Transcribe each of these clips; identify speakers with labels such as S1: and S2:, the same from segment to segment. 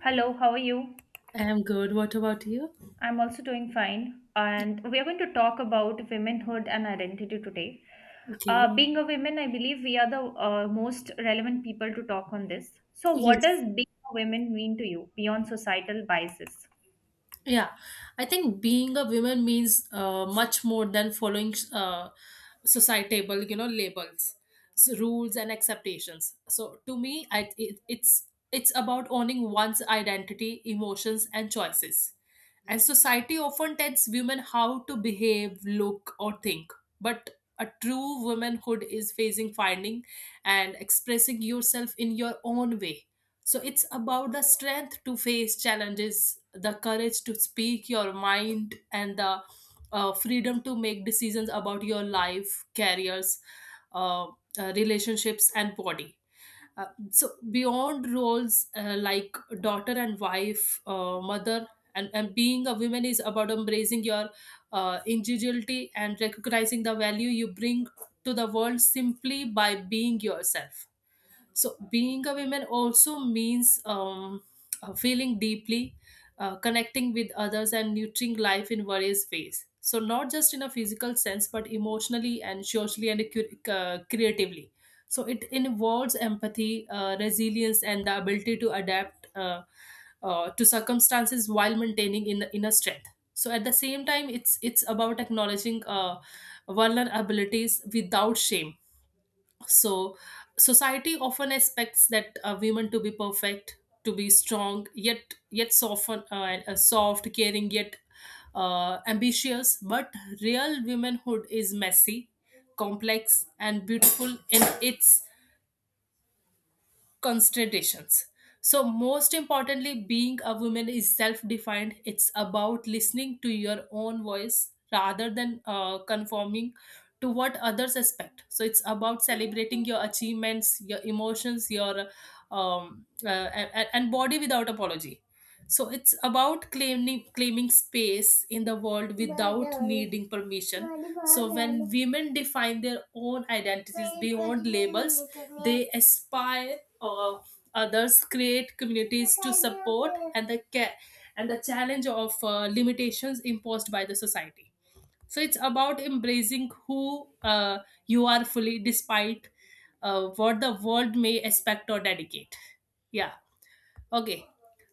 S1: Hello, how are you?
S2: I am good. What about you?
S1: I'm also doing fine, and we are going to talk about womanhood and identity today.
S2: Okay.
S1: Being a woman, I believe we are the most relevant people to talk on this. So, what
S2: Yes.
S1: does being a woman mean to you beyond societal biases?
S2: Yeah. I think being a woman means much more than following societal, labels, so rules and expectations. So to me, I, it, it's about owning one's identity, emotions, and choices. And society often tells women how to behave, look, or think. But a true womanhood is facing finding and expressing yourself in your own way. So it's about the strength to face challenges, the courage to speak your mind, and the freedom to make decisions about your life, careers, uh, relationships, and body. So beyond roles like daughter and wife, mother, and being a woman is about embracing your individuality and recognizing the value you bring to the world simply by being yourself. So being a woman also means feeling deeply, connecting with others and nurturing life in various ways, so not just in a physical sense but emotionally and socially and creatively. So it involves empathy, resilience, and the ability to adapt to circumstances while maintaining in inner strength. So at the same time it's about acknowledging vulnerabilities without shame. So society often expects that women to be perfect, to be strong yet soften and soft caring yet ambitious, but real womanhood is messy, complex, and beautiful in its considerations. So, most importantly, being a woman is self defined. It's about listening to your own voice rather than conforming to what others expect. So, it's about celebrating your achievements, your emotions, your um, uh, and body without apology. So, it's about claiming space in the world without needing permission. So, when women define their own identities beyond labels, they aspire or others create communities to support and the care and the challenge of limitations imposed by the society. So it's about embracing who you are fully despite what the world may expect or dedicate. Yeah. Okay.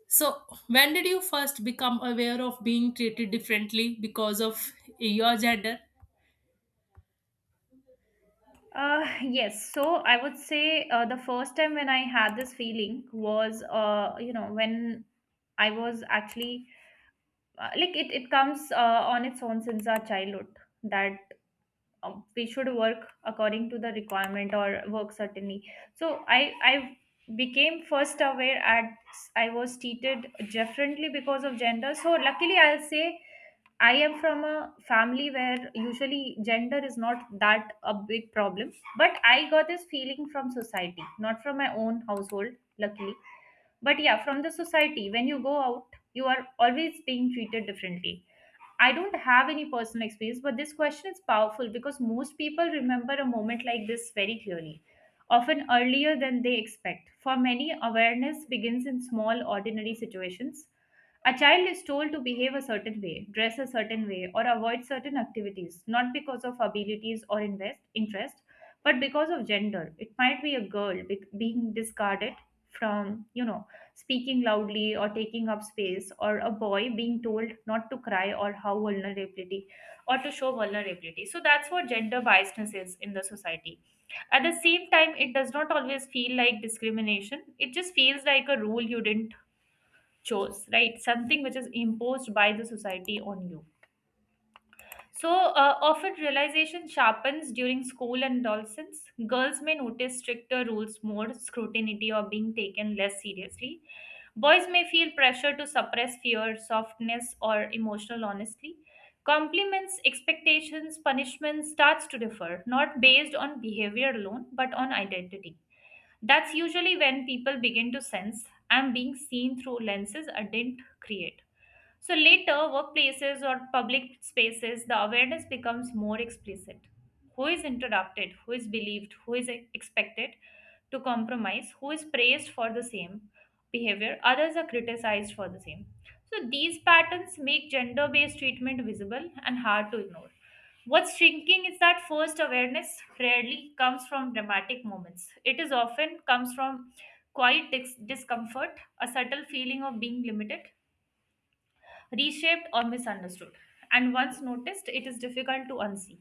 S2: So when did you first become aware of being treated differently because of your gender?
S1: Yes, so I would say the first time when I had this feeling was, when I was actually like it comes on its own since our childhood that we should work according to the requirement or work certainly, so I became first aware at I was treated differently because of gender. So luckily, I'll say I am from a family where usually gender is not that a big problem, but I got this feeling from society, not from my own household luckily. But yeah, from the society, when you go out, you are always being treated differently. I don't have any personal experience, but this question is powerful because most people remember a moment like this very clearly, often earlier than they expect. For many, awareness begins in small, ordinary situations. A child is told to behave a certain way, dress a certain way, or avoid certain activities, not because of abilities or invest interest, but because of gender. It might be a girl being discarded from speaking loudly or taking up space, or a boy being told not to cry or how vulnerability or to show vulnerability. So that's what gender biasness is in the society. At the same time, it does not always feel like discrimination. It just feels like a rule you didn't choose, right? Something which is imposed by the society on you. So often realization sharpens during school and adolescence. Girls may notice stricter rules, more scrutiny, or being taken less seriously. Boys may feel pressure to suppress fear, softness, or emotional honesty. Compliments, expectations, punishments starts to differ, not based on behavior alone, but on identity. That's usually when people begin to sense I'm being seen through lenses I didn't create. So later, workplaces or public spaces, the awareness becomes more explicit. Who is interrupted, who is believed, who is expected to compromise, who is praised for the same behavior, others are criticized for the same. So these patterns make gender based treatment visible and hard to ignore. What's shrinking is that first awareness rarely comes from dramatic moments. It is often comes from quiet discomfort, a subtle feeling of being limited, reshaped or misunderstood. And once noticed, it is difficult to unsee.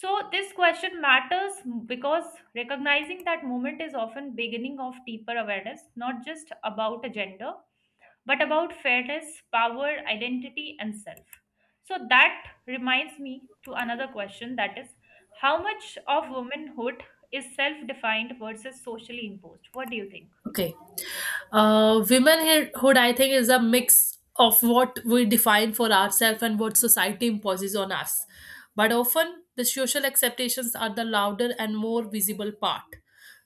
S1: So this question matters because recognizing that moment is often beginning of deeper awareness, not just about a gender, but about fairness, power, identity and self. So that reminds me to another question, that is how much of womanhood is self defined versus socially imposed? What do you think?
S2: Okay. Womanhood, I think, is a mix of what we define for ourselves and what society imposes on us. But often, the social acceptations are the louder and more visible part.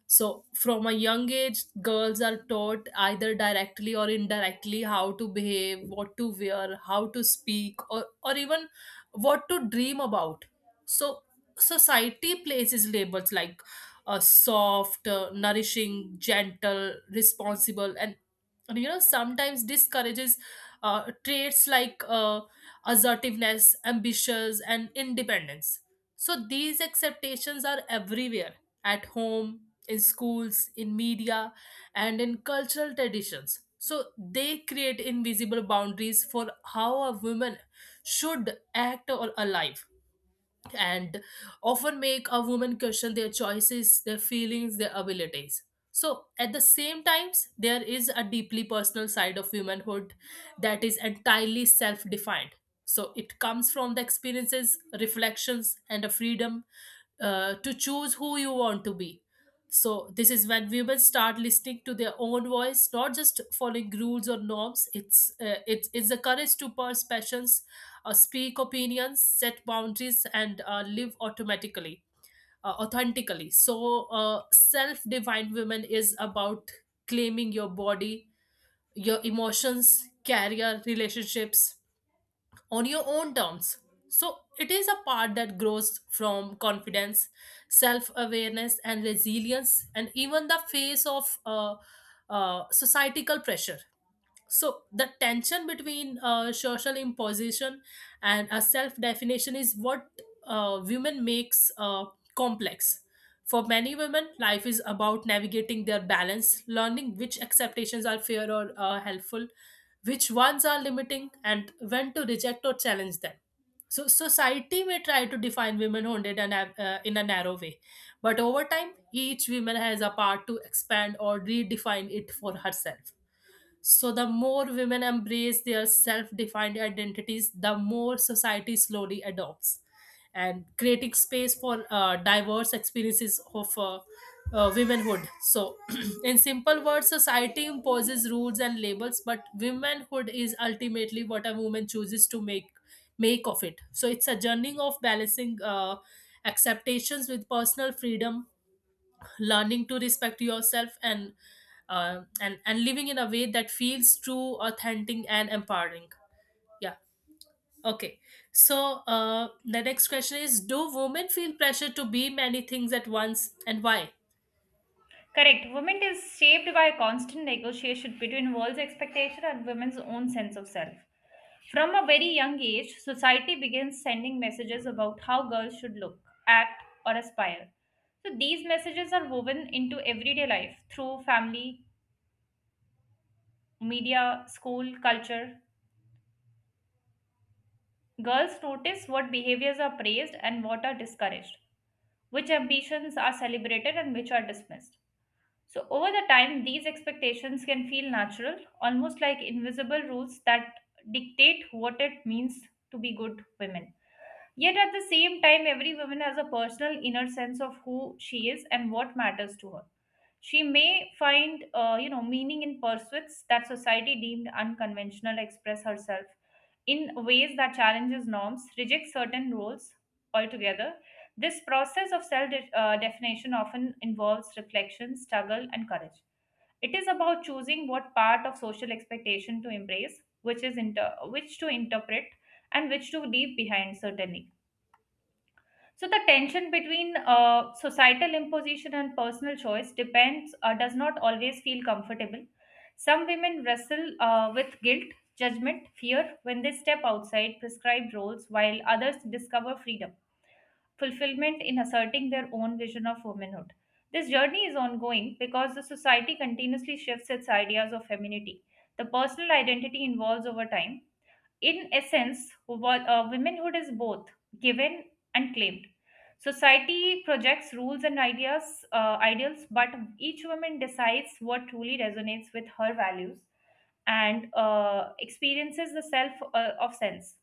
S2: So, from a young age, girls are taught either directly or indirectly how to behave, what to wear, how to speak, or even what to dream about. So, society places labels like soft, nourishing, gentle, responsible, and, sometimes discourages traits like assertiveness, ambitious, and independence. So these acceptations are everywhere: at home, in schools, in media, and in cultural traditions. So they create invisible boundaries for how a woman should act or alive, and often make a woman question their choices, their feelings, their abilities. So, at the same times, there is a deeply personal side of womanhood that is entirely self defined. So, it comes from the experiences, reflections, and a freedom to choose who you want to be. So, this is when women start listening to their own voice, not just following rules or norms. It's the courage to pursue passions, speak opinions, set boundaries, and live automatically, authentically. So, self defined women is about claiming your body, your emotions, career, relationships on your own terms. So, it is a part that grows from confidence, self awareness, and resilience, and even the face of societal pressure. So the tension between social imposition and a self definition is what women makes complex. For many women life is about navigating their balance, learning which acceptations are fair or helpful, which ones are limiting and when to reject or challenge them. So society may try to define womanhood in in a narrow way, but over time each woman has a part to expand or redefine it for herself. So, the more women embrace their self defined identities, the more society slowly adopts, and creating space for diverse experiences of womenhood. So, in simple words, society imposes rules and labels, but womanhood is ultimately what a woman chooses to make of it. So, it's a journey of balancing acceptations with personal freedom, learning to respect yourself, and living in a way that feels true, authentic, and empowering. Yeah. Okay. So the next question is, do women feel pressure to be many things at once, and why?
S1: Correct. Women is shaped by a constant negotiation between world's expectation and women's own sense of self. From a very young age, society begins sending messages about how girls should look, act, or aspire. So these messages are woven into everyday life through family, media, school, culture. Girls notice what behaviors are praised and what are discouraged, which ambitions are celebrated and which are dismissed. So, over the time, these expectations can feel natural, almost like invisible rules that dictate what it means to be good women. Yet, at the same time, every woman has a personal inner sense of who she is and what matters to her. She may find, meaning in pursuits that society deemed unconventional, express herself in ways that challenges norms, rejects certain roles altogether. This process of definition often involves reflection, struggle, and courage. It is about choosing what part of social expectation to embrace, which to interpret, and which to leave behind. Certainly, so the tension between societal imposition and personal choice depends does not always feel comfortable. Some women wrestle with guilt, judgment, fear when they step outside prescribed roles, while others discover freedom, fulfillment in asserting their own vision of womanhood. This journey is ongoing because the society continuously shifts its ideas of femininity. The personal identity evolves over time. In essence, womanhood is both given and claimed. Society projects rules and ideas, ideals, but each woman decides what truly resonates with her values and experiences the self of sense.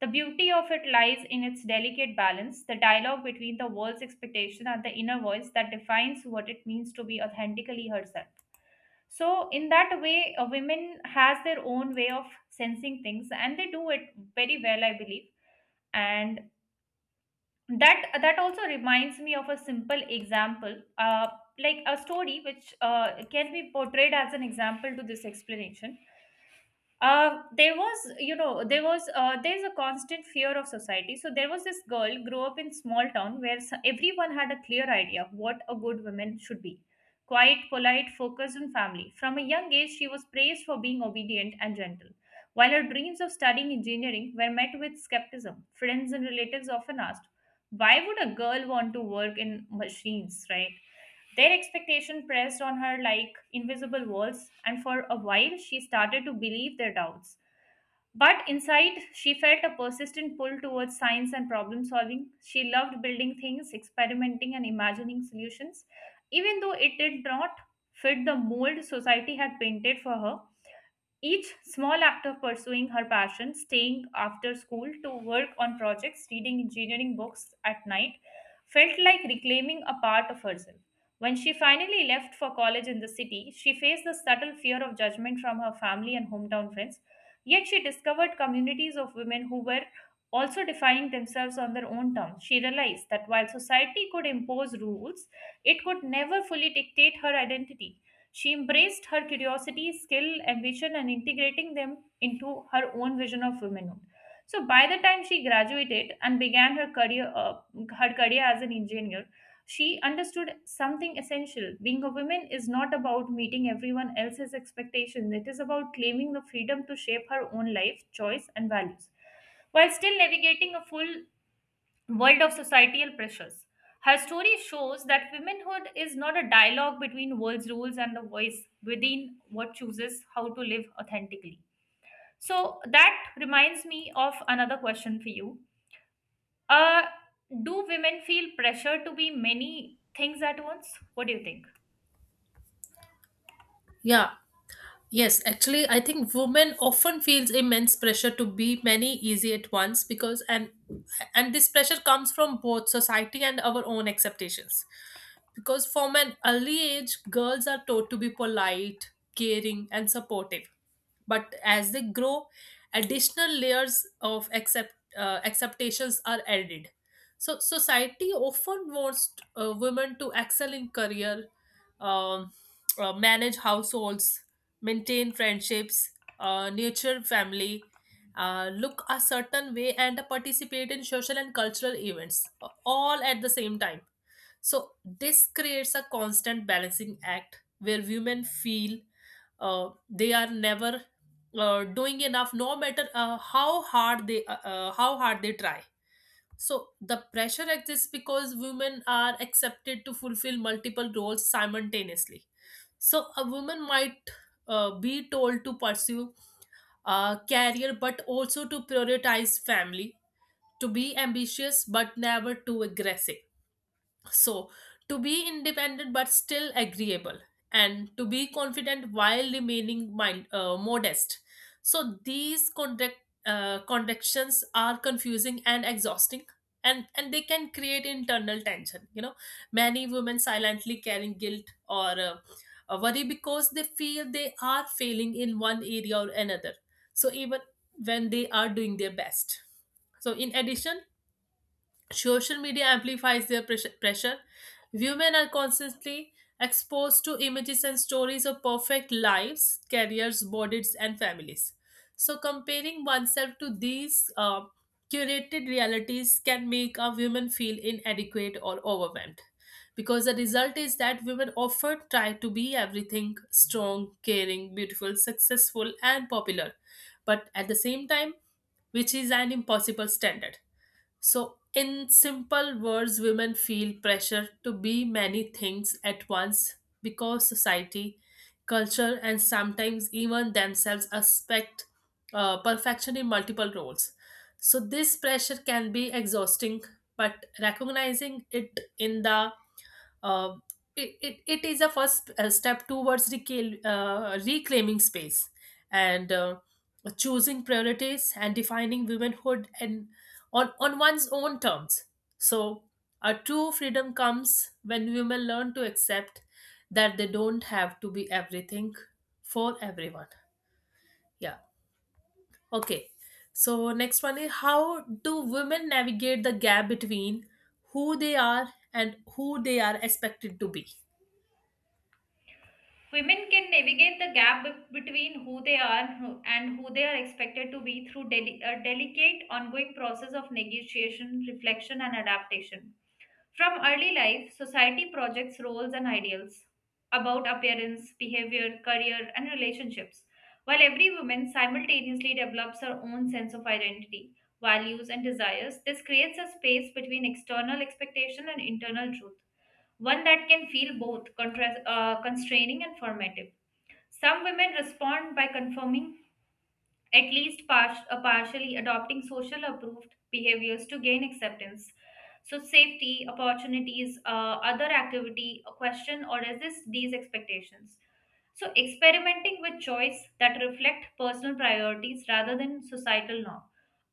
S1: The beauty of it lies in its delicate balance, the dialogue between the world's expectation and the inner voice that defines what it means to be authentically herself. So in that way, women has their own way of sensing things and they do it very well, I believe. And that also reminds me of a simple example, like a story which can be portrayed as an example to this explanation. Uh, there was you know there was there's a constant fear of society. So there was this girl grew up in small town where everyone had a clear idea of what a good woman should be: quiet, polite, focused on family. From a young age, she was praised for being obedient and gentle, while her dreams of studying engineering were met with skepticism. Friends and relatives often asked, why would a girl want to work in machines, right? Their expectation pressed on her like invisible walls, and for a while she started to believe their doubts. But inside, she felt a persistent pull towards science and problem solving. She loved building things, experimenting, and imagining solutions, even though it did not fit the mold society had painted for her. Each small act of pursuing her passion, staying after school to work on projects, reading engineering books at night, felt like reclaiming a part of herself. When she finally left for college in the city, she faced the subtle fear of judgment from her family and hometown friends. Yet she discovered communities of women who were also defining themselves on their own terms. She realized that while society could impose rules, it could never fully dictate her identity. She embraced her curiosity, skill, ambition, and integrating them into her own vision of womanhood. So by the time she graduated and began her career as an engineer, she understood something essential. Being a woman is not about meeting everyone else's expectations. It is about claiming the freedom to shape her own life, choice, and values while still navigating a full world of societal pressures. Her story shows that womanhood is not a dialogue between world's rules and the voice within what chooses how to live authentically. So that reminds me of another question for you. Uh, do women feel pressure to be many things at once? What do you think?
S2: Yeah. Yes, actually, I think women often feels immense pressure to be many easy at once, because and this pressure comes from both society and our own expectations. Because from an early age, girls are taught to be polite, caring, and supportive. But as they grow, additional layers of acceptations are added. So society often wants women to excel in career, um, manage households, maintain friendships, nurture family, look a certain way, and participate in social and cultural events, all at the same time. So, this creates a constant balancing act where women feel they are never doing enough, no matter how hard they try. So the pressure exists because women are accepted to fulfill multiple roles simultaneously. So a woman might be told to pursue a career but also to prioritize family, to be ambitious but never too aggressive, so, to be independent but still agreeable, and to be confident while remaining modest. So, these contradictions are confusing and exhausting. And they can create internal tension, many women silently carrying guilt or worry because they feel they are failing in one area or another, so even when they are doing their best. So in addition, social media amplifies their pressure. Women are constantly exposed to images and stories of perfect lives, careers, bodies, and families. So, comparing oneself to these curated realities can make a woman feel inadequate or overwhelmed. Because the result is that women often try to be everything strong, caring, beautiful, successful, and popular, but at the same time, which is an impossible standard. So, in simple words, women feel pressure to be many things at once because society, culture, and sometimes even themselves expect perfection in multiple roles. So, this pressure can be exhausting, but recognizing it in the uh, it is a first step towards reclaiming space and choosing priorities and defining womanhood and on one's own terms. So, a true freedom comes when women learn to accept that they don't have to be everything for everyone. Yeah. Okay. So, next one is, how do women navigate the gap between who they are and who they are expected to be?
S1: Women can navigate the gap between who they are and who they are expected to be through a delicate, ongoing process of negotiation, reflection, and adaptation. From early life, society projects roles and ideals about appearance, behavior, career, and relationships, while every woman simultaneously develops her own sense of identity, values, and desires. This creates a space between external expectation and internal truth, one that can feel both constraining and formative. Some women respond by conforming, at least partially adopting social approved behaviors to gain acceptance. So, safety, opportunities, other activity, a question, or resist these expectations. So, experimenting with choice that reflect personal priorities rather than societal norm.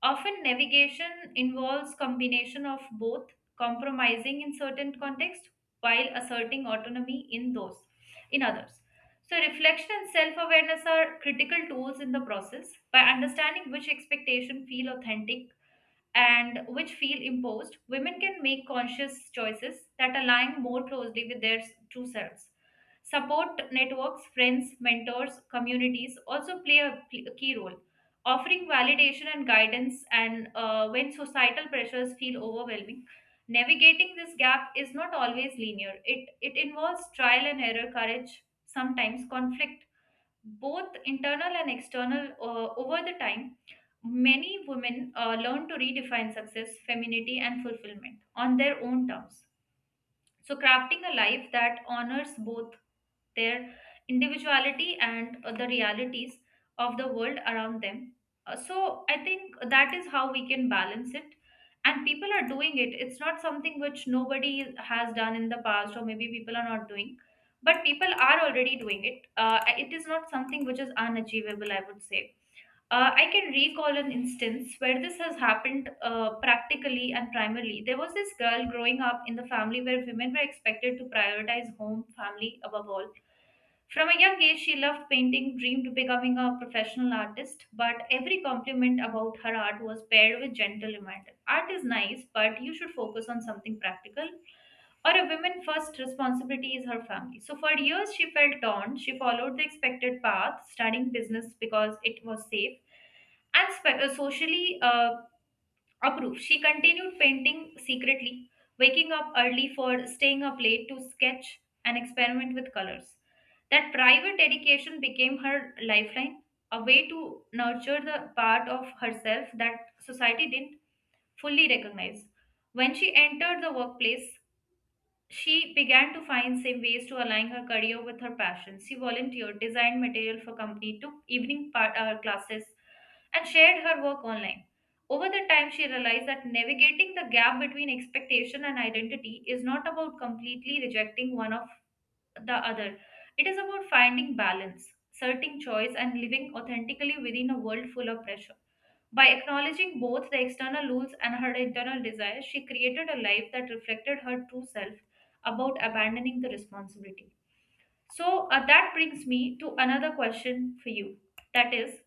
S1: Often, navigation involves combination of both, compromising in certain contexts while asserting autonomy in those, in others. So, reflection and self awareness are critical tools in the process. By understanding which expectation feel authentic and which feel imposed, women can make conscious choices that align more closely with their true selves. Support networks, friends, mentors, communities also play a key role, offering validation and guidance. And when societal pressures feel overwhelming, navigating this gap is not always linear. It involves trial and error, courage, sometimes conflict, both internal and external. Over the time, many women learn to redefine success, femininity and fulfillment on their own terms, so crafting a life that honors both their individuality and the realities of the world around them. So, I think that is how we can balance it. And people are doing it. It's not something which nobody has done in the past, or maybe people are not doing, but people are already doing it. It is not something which is unachievable, I would say. I can recall an instance where this has happened practically and primarily. There was this girl growing up in the family where women were expected to prioritize home, family above all. From a young age, she loved painting, dreamed of becoming a professional artist, but every compliment about her art was paired with gentle reminder. Art is nice, but you should focus on something practical, or a woman first responsibility is her family. So for years, she felt torn. She followed the expected path, studying business because it was safe and socially approved. She continued painting secretly, waking up early for staying up late to sketch and experiment with colors. That private dedication became her lifeline, a way to nurture the part of herself that society didn't fully recognize. When she entered the workplace, she began to find same ways to align her career with her passion. She volunteered, designed material for company, took evening part, classes, and shared her work online. Over the time, she realized that navigating the gap between expectation and identity is not about completely rejecting one of the other. It is about finding balance, asserting choice, and living authentically within a world full of pressure. By acknowledging both the external rules and her internal desires, she created a life that reflected her true self about abandoning the responsibility. So that brings me to another question for you. That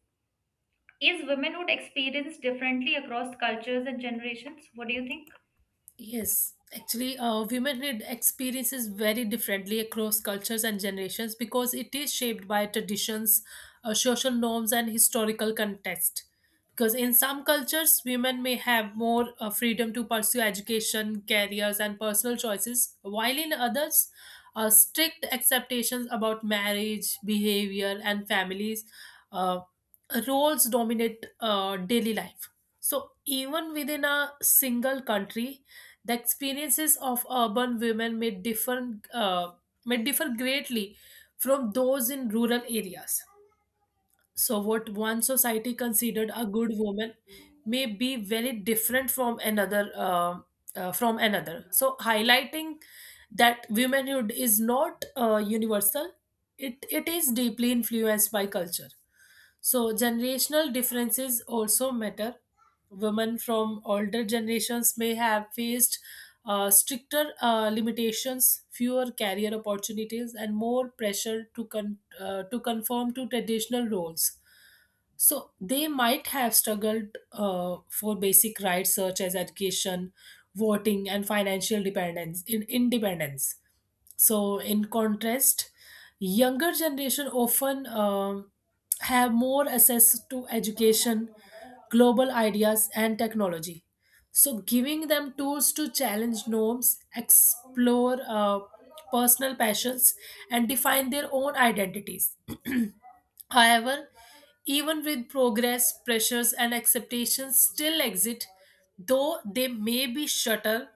S1: is womenhood experienced differently across cultures and generations? What do you think?
S2: Yes, actually, women read experiences very differently across cultures and generations, because it is shaped by traditions, social norms, and historical context. Because in some cultures, women may have more freedom to pursue education, careers, and personal choices, while in others, strict expectations about marriage, behavior, and families uh, roles dominate daily life. So even within a single country, the experiences of urban women may differ greatly from those in rural areas. So, what one society considered a good woman may be very different from another. From another. So, highlighting that womanhood is not universal; it is deeply influenced by culture. So, generational differences also matter. Women from older generations may have faced stricter limitations, fewer career opportunities, and more pressure to to conform to traditional roles. So they might have struggled for basic rights such as education, voting, and financial dependence in independence. So in contrast, younger generation often have more access to education, global ideas, and technology, so giving them tools to challenge norms, explore personal passions, and define their own identities. However, even with progress, pressures and expectations still exist, though they may be shuttered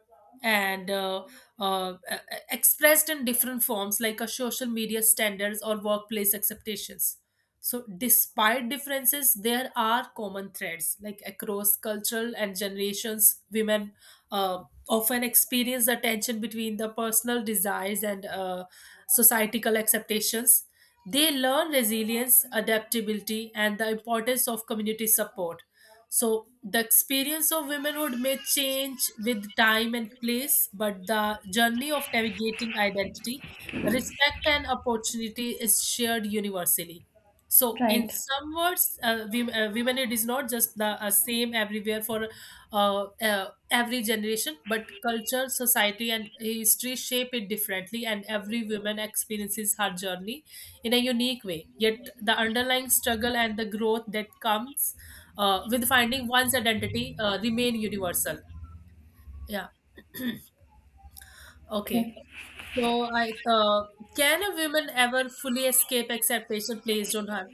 S2: and expressed in different forms like a social media standards or workplace expectations. So, despite differences, there are common threads like across cultural and generations. Women often experience the tension between the personal desires and societal acceptations. They learn resilience, adaptability, and the importance of community support. So, the experience of womanhood may change with time and place, but the journey of navigating identity, respect, and opportunity is shared universally. So, in
S1: Right.
S2: some words, womanhood is not just the same everywhere for every generation, but culture, society, and history shape it differently, and every woman experiences her journey in a unique way. Yet the underlying struggle and the growth that comes with finding one's identity remain universal. Yeah. Okay.
S1: Okay.
S2: So, I can a woman ever fully escape acceptation placed on her?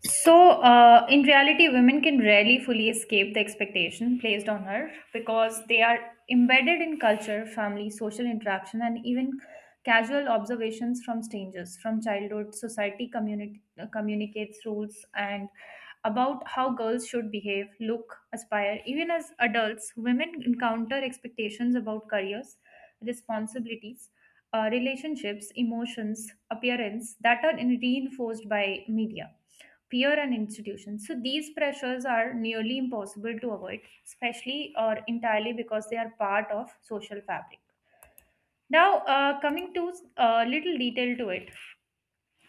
S1: So, in reality, women can rarely fully escape the expectation placed on her because they are embedded in culture, family, social interaction, and even casual observations from strangers. From childhood, society communicates rules and about how girls should behave, look, aspire. Even as adults, women encounter expectations about careers, responsibilities, relationships, emotions, appearance that are reinforced by media peer and institutions. So these pressures are nearly impossible to avoid, especially or entirely because they are part of social fabric. Now, coming to a little detail to it,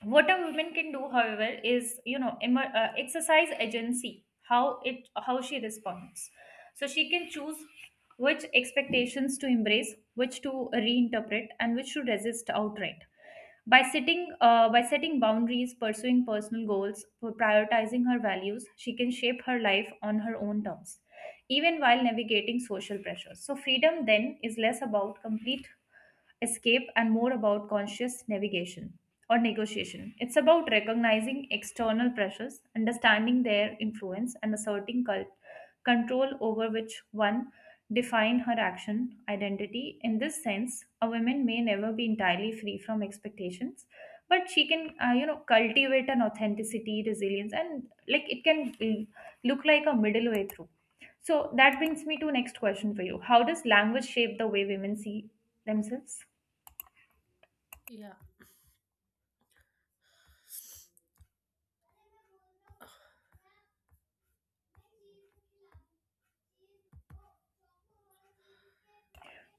S1: what a woman can do however is exercise agency how it how she responds, so she can choose which expectations to embrace, which to reinterpret, and which to resist outright by sitting by setting boundaries, pursuing personal goals for prioritizing her values. She can shape her life on her own terms even while navigating social pressures. So freedom then is less about complete escape and more about conscious navigation or negotiation. It's about recognizing external pressures, understanding their influence, and asserting control over which one define her action identity. In this sense, a woman may never be entirely free from expectations, but she can, you know, cultivate an authenticity, resilience, and like it can look like a middle way through. So that brings me to next question for you. How does language shape the way women see themselves?
S2: Yeah.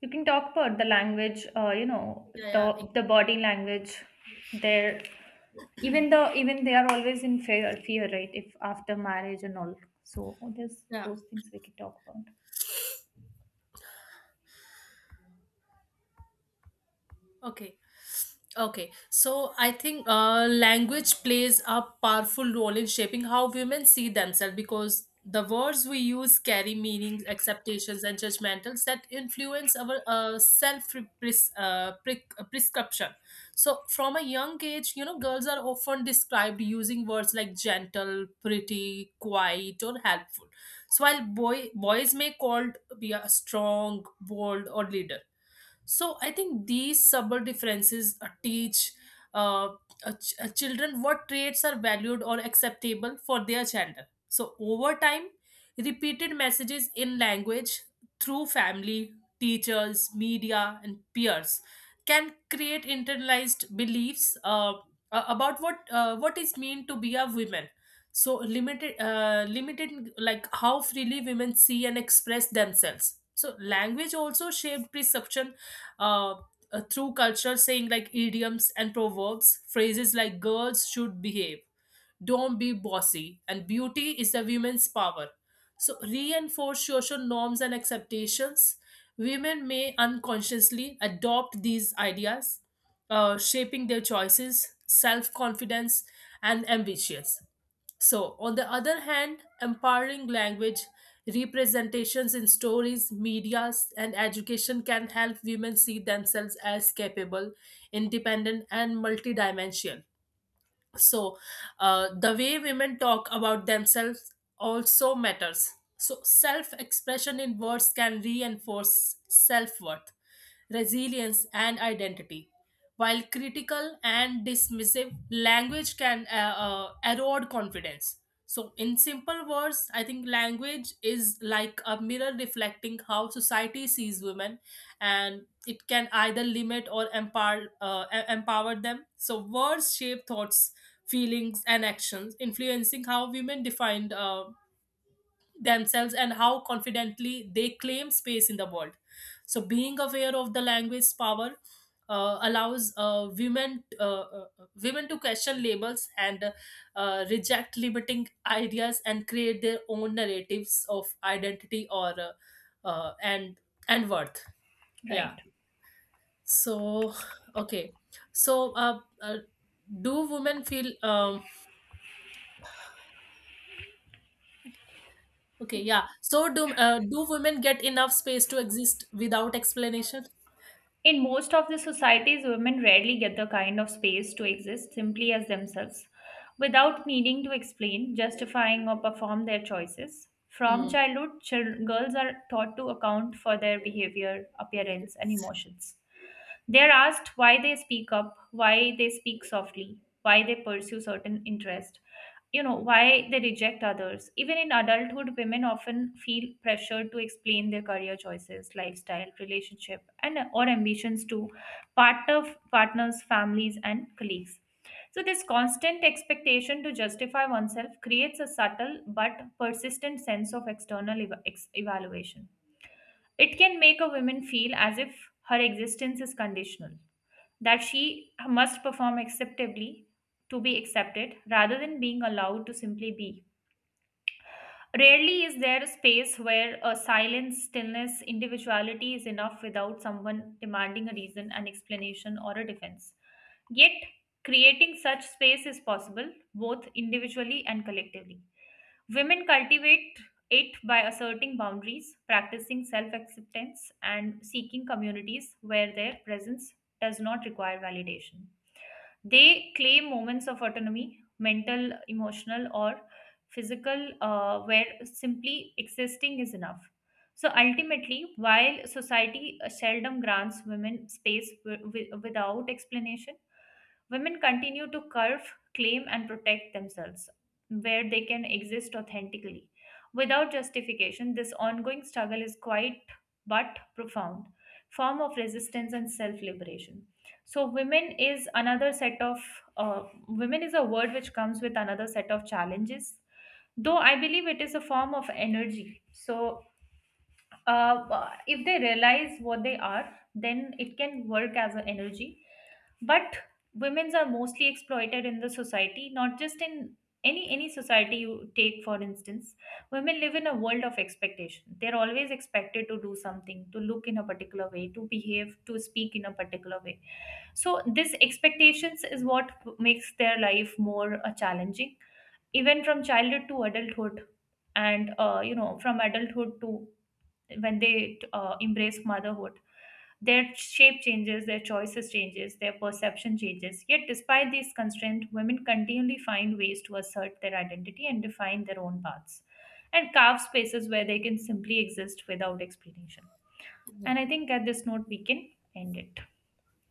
S1: You can talk about the language you know,
S2: Yeah.
S1: the the body language, their, even the, even they are always in fear right, if after marriage and all, so there's
S2: Yeah.
S1: those things we can talk about.
S2: Okay. Okay, so I think language plays a powerful role in shaping how women see themselves, because the words we use carry meanings, acceptations, and judgmentals that influence our self prescription. So, from a young age, girls are often described using words like gentle, pretty, quiet, or helpful. So, while boys may called be a strong, bold, or leader. So I think these subtle differences teach uh, children what traits are valued or acceptable for their gender. So over time repeated messages in language through family, teachers, media, and peers can create internalized beliefs about what is mean to be a woman, so limited like how freely women see and express themselves. So language also shaped perception uh, through culture, saying like idioms and proverbs, phrases like girls should behave, don't be bossy, and beauty is a women's power, so reinforce social norms and acceptations. Women may unconsciously adopt these ideas, shaping their choices, self confidence, and ambitions. So, on the other hand, empowering language, representations in stories, medias, and education can help women see themselves as capable, independent, and multidimensional. So the way women talk about themselves also matters. So self expression in words can reinforce self worth, resilience, and identity, while critical and dismissive language can erode confidence. So in simple words, I think language is like a mirror reflecting how society sees women, and it can either limit or empower empower them. So words shape thoughts, feelings, and actions, influencing how women defined themselves and how confidently they claim space in the world. So, being aware of the language's power allows women to question labels and reject limiting ideas and create their own narratives of identity or uh, and and worth. Yeah.
S1: Right.
S2: So okay. So do women feel Okay, yeah. So do women get enough space to exist without explanation?
S1: In most of the societies, women rarely get the kind of space to exist simply as themselves without needing to explain, justifying, or perform their choices. From
S2: Mm,
S1: childhood, girls are taught to account for their behavior, appearance, and emotions. They are asked why they speak up, why they speak softly, why they pursue certain interest, you know, why they reject others. Even in adulthood, women often feel pressured to explain their career choices, lifestyle, relationship, and or ambitions to part of partners, families, and colleagues. So this constant expectation to justify oneself creates a subtle but persistent sense of external evaluation. It can make a woman feel as if her existence is conditional, that she must perform acceptably to be accepted rather than being allowed to simply be. Rarely is there a space where a silence, stillness, individuality is enough without someone demanding a reason, an explanation, or a defense. Yet, creating such space is possible both individually and collectively. Women cultivate it by asserting boundaries, practicing self acceptance, and seeking communities where their presence does not require validation. They claim moments of autonomy, mental, emotional, or physical, where simply existing is enough. So ultimately, while society seldom grants women space without explanation, women continue to curve, claim, and protect themselves where they can exist authentically. Without justification, this ongoing struggle is quite but profound form of resistance and self liberation. So, women is another set of, women is a word which comes with another set of challenges, though I believe it is a form of energy. So, if they realize what they are, then it can work as an energy. But women's are mostly exploited in the society, not just in any society you take. For instance, women live in a world of expectation. They're always expected to do something, to look in a particular way, to behave, to speak in a particular way. So this expectations is what makes their life more challenging, even from childhood to adulthood, and you know, from adulthood to when they embrace motherhood. Their shape changes, their choices changes, their perception changes. Yet despite these constraints, women continually find ways to assert their identity and define their own paths, and carve spaces where they can simply exist without explanation. And
S2: yeah.
S1: I think at this note we can end it.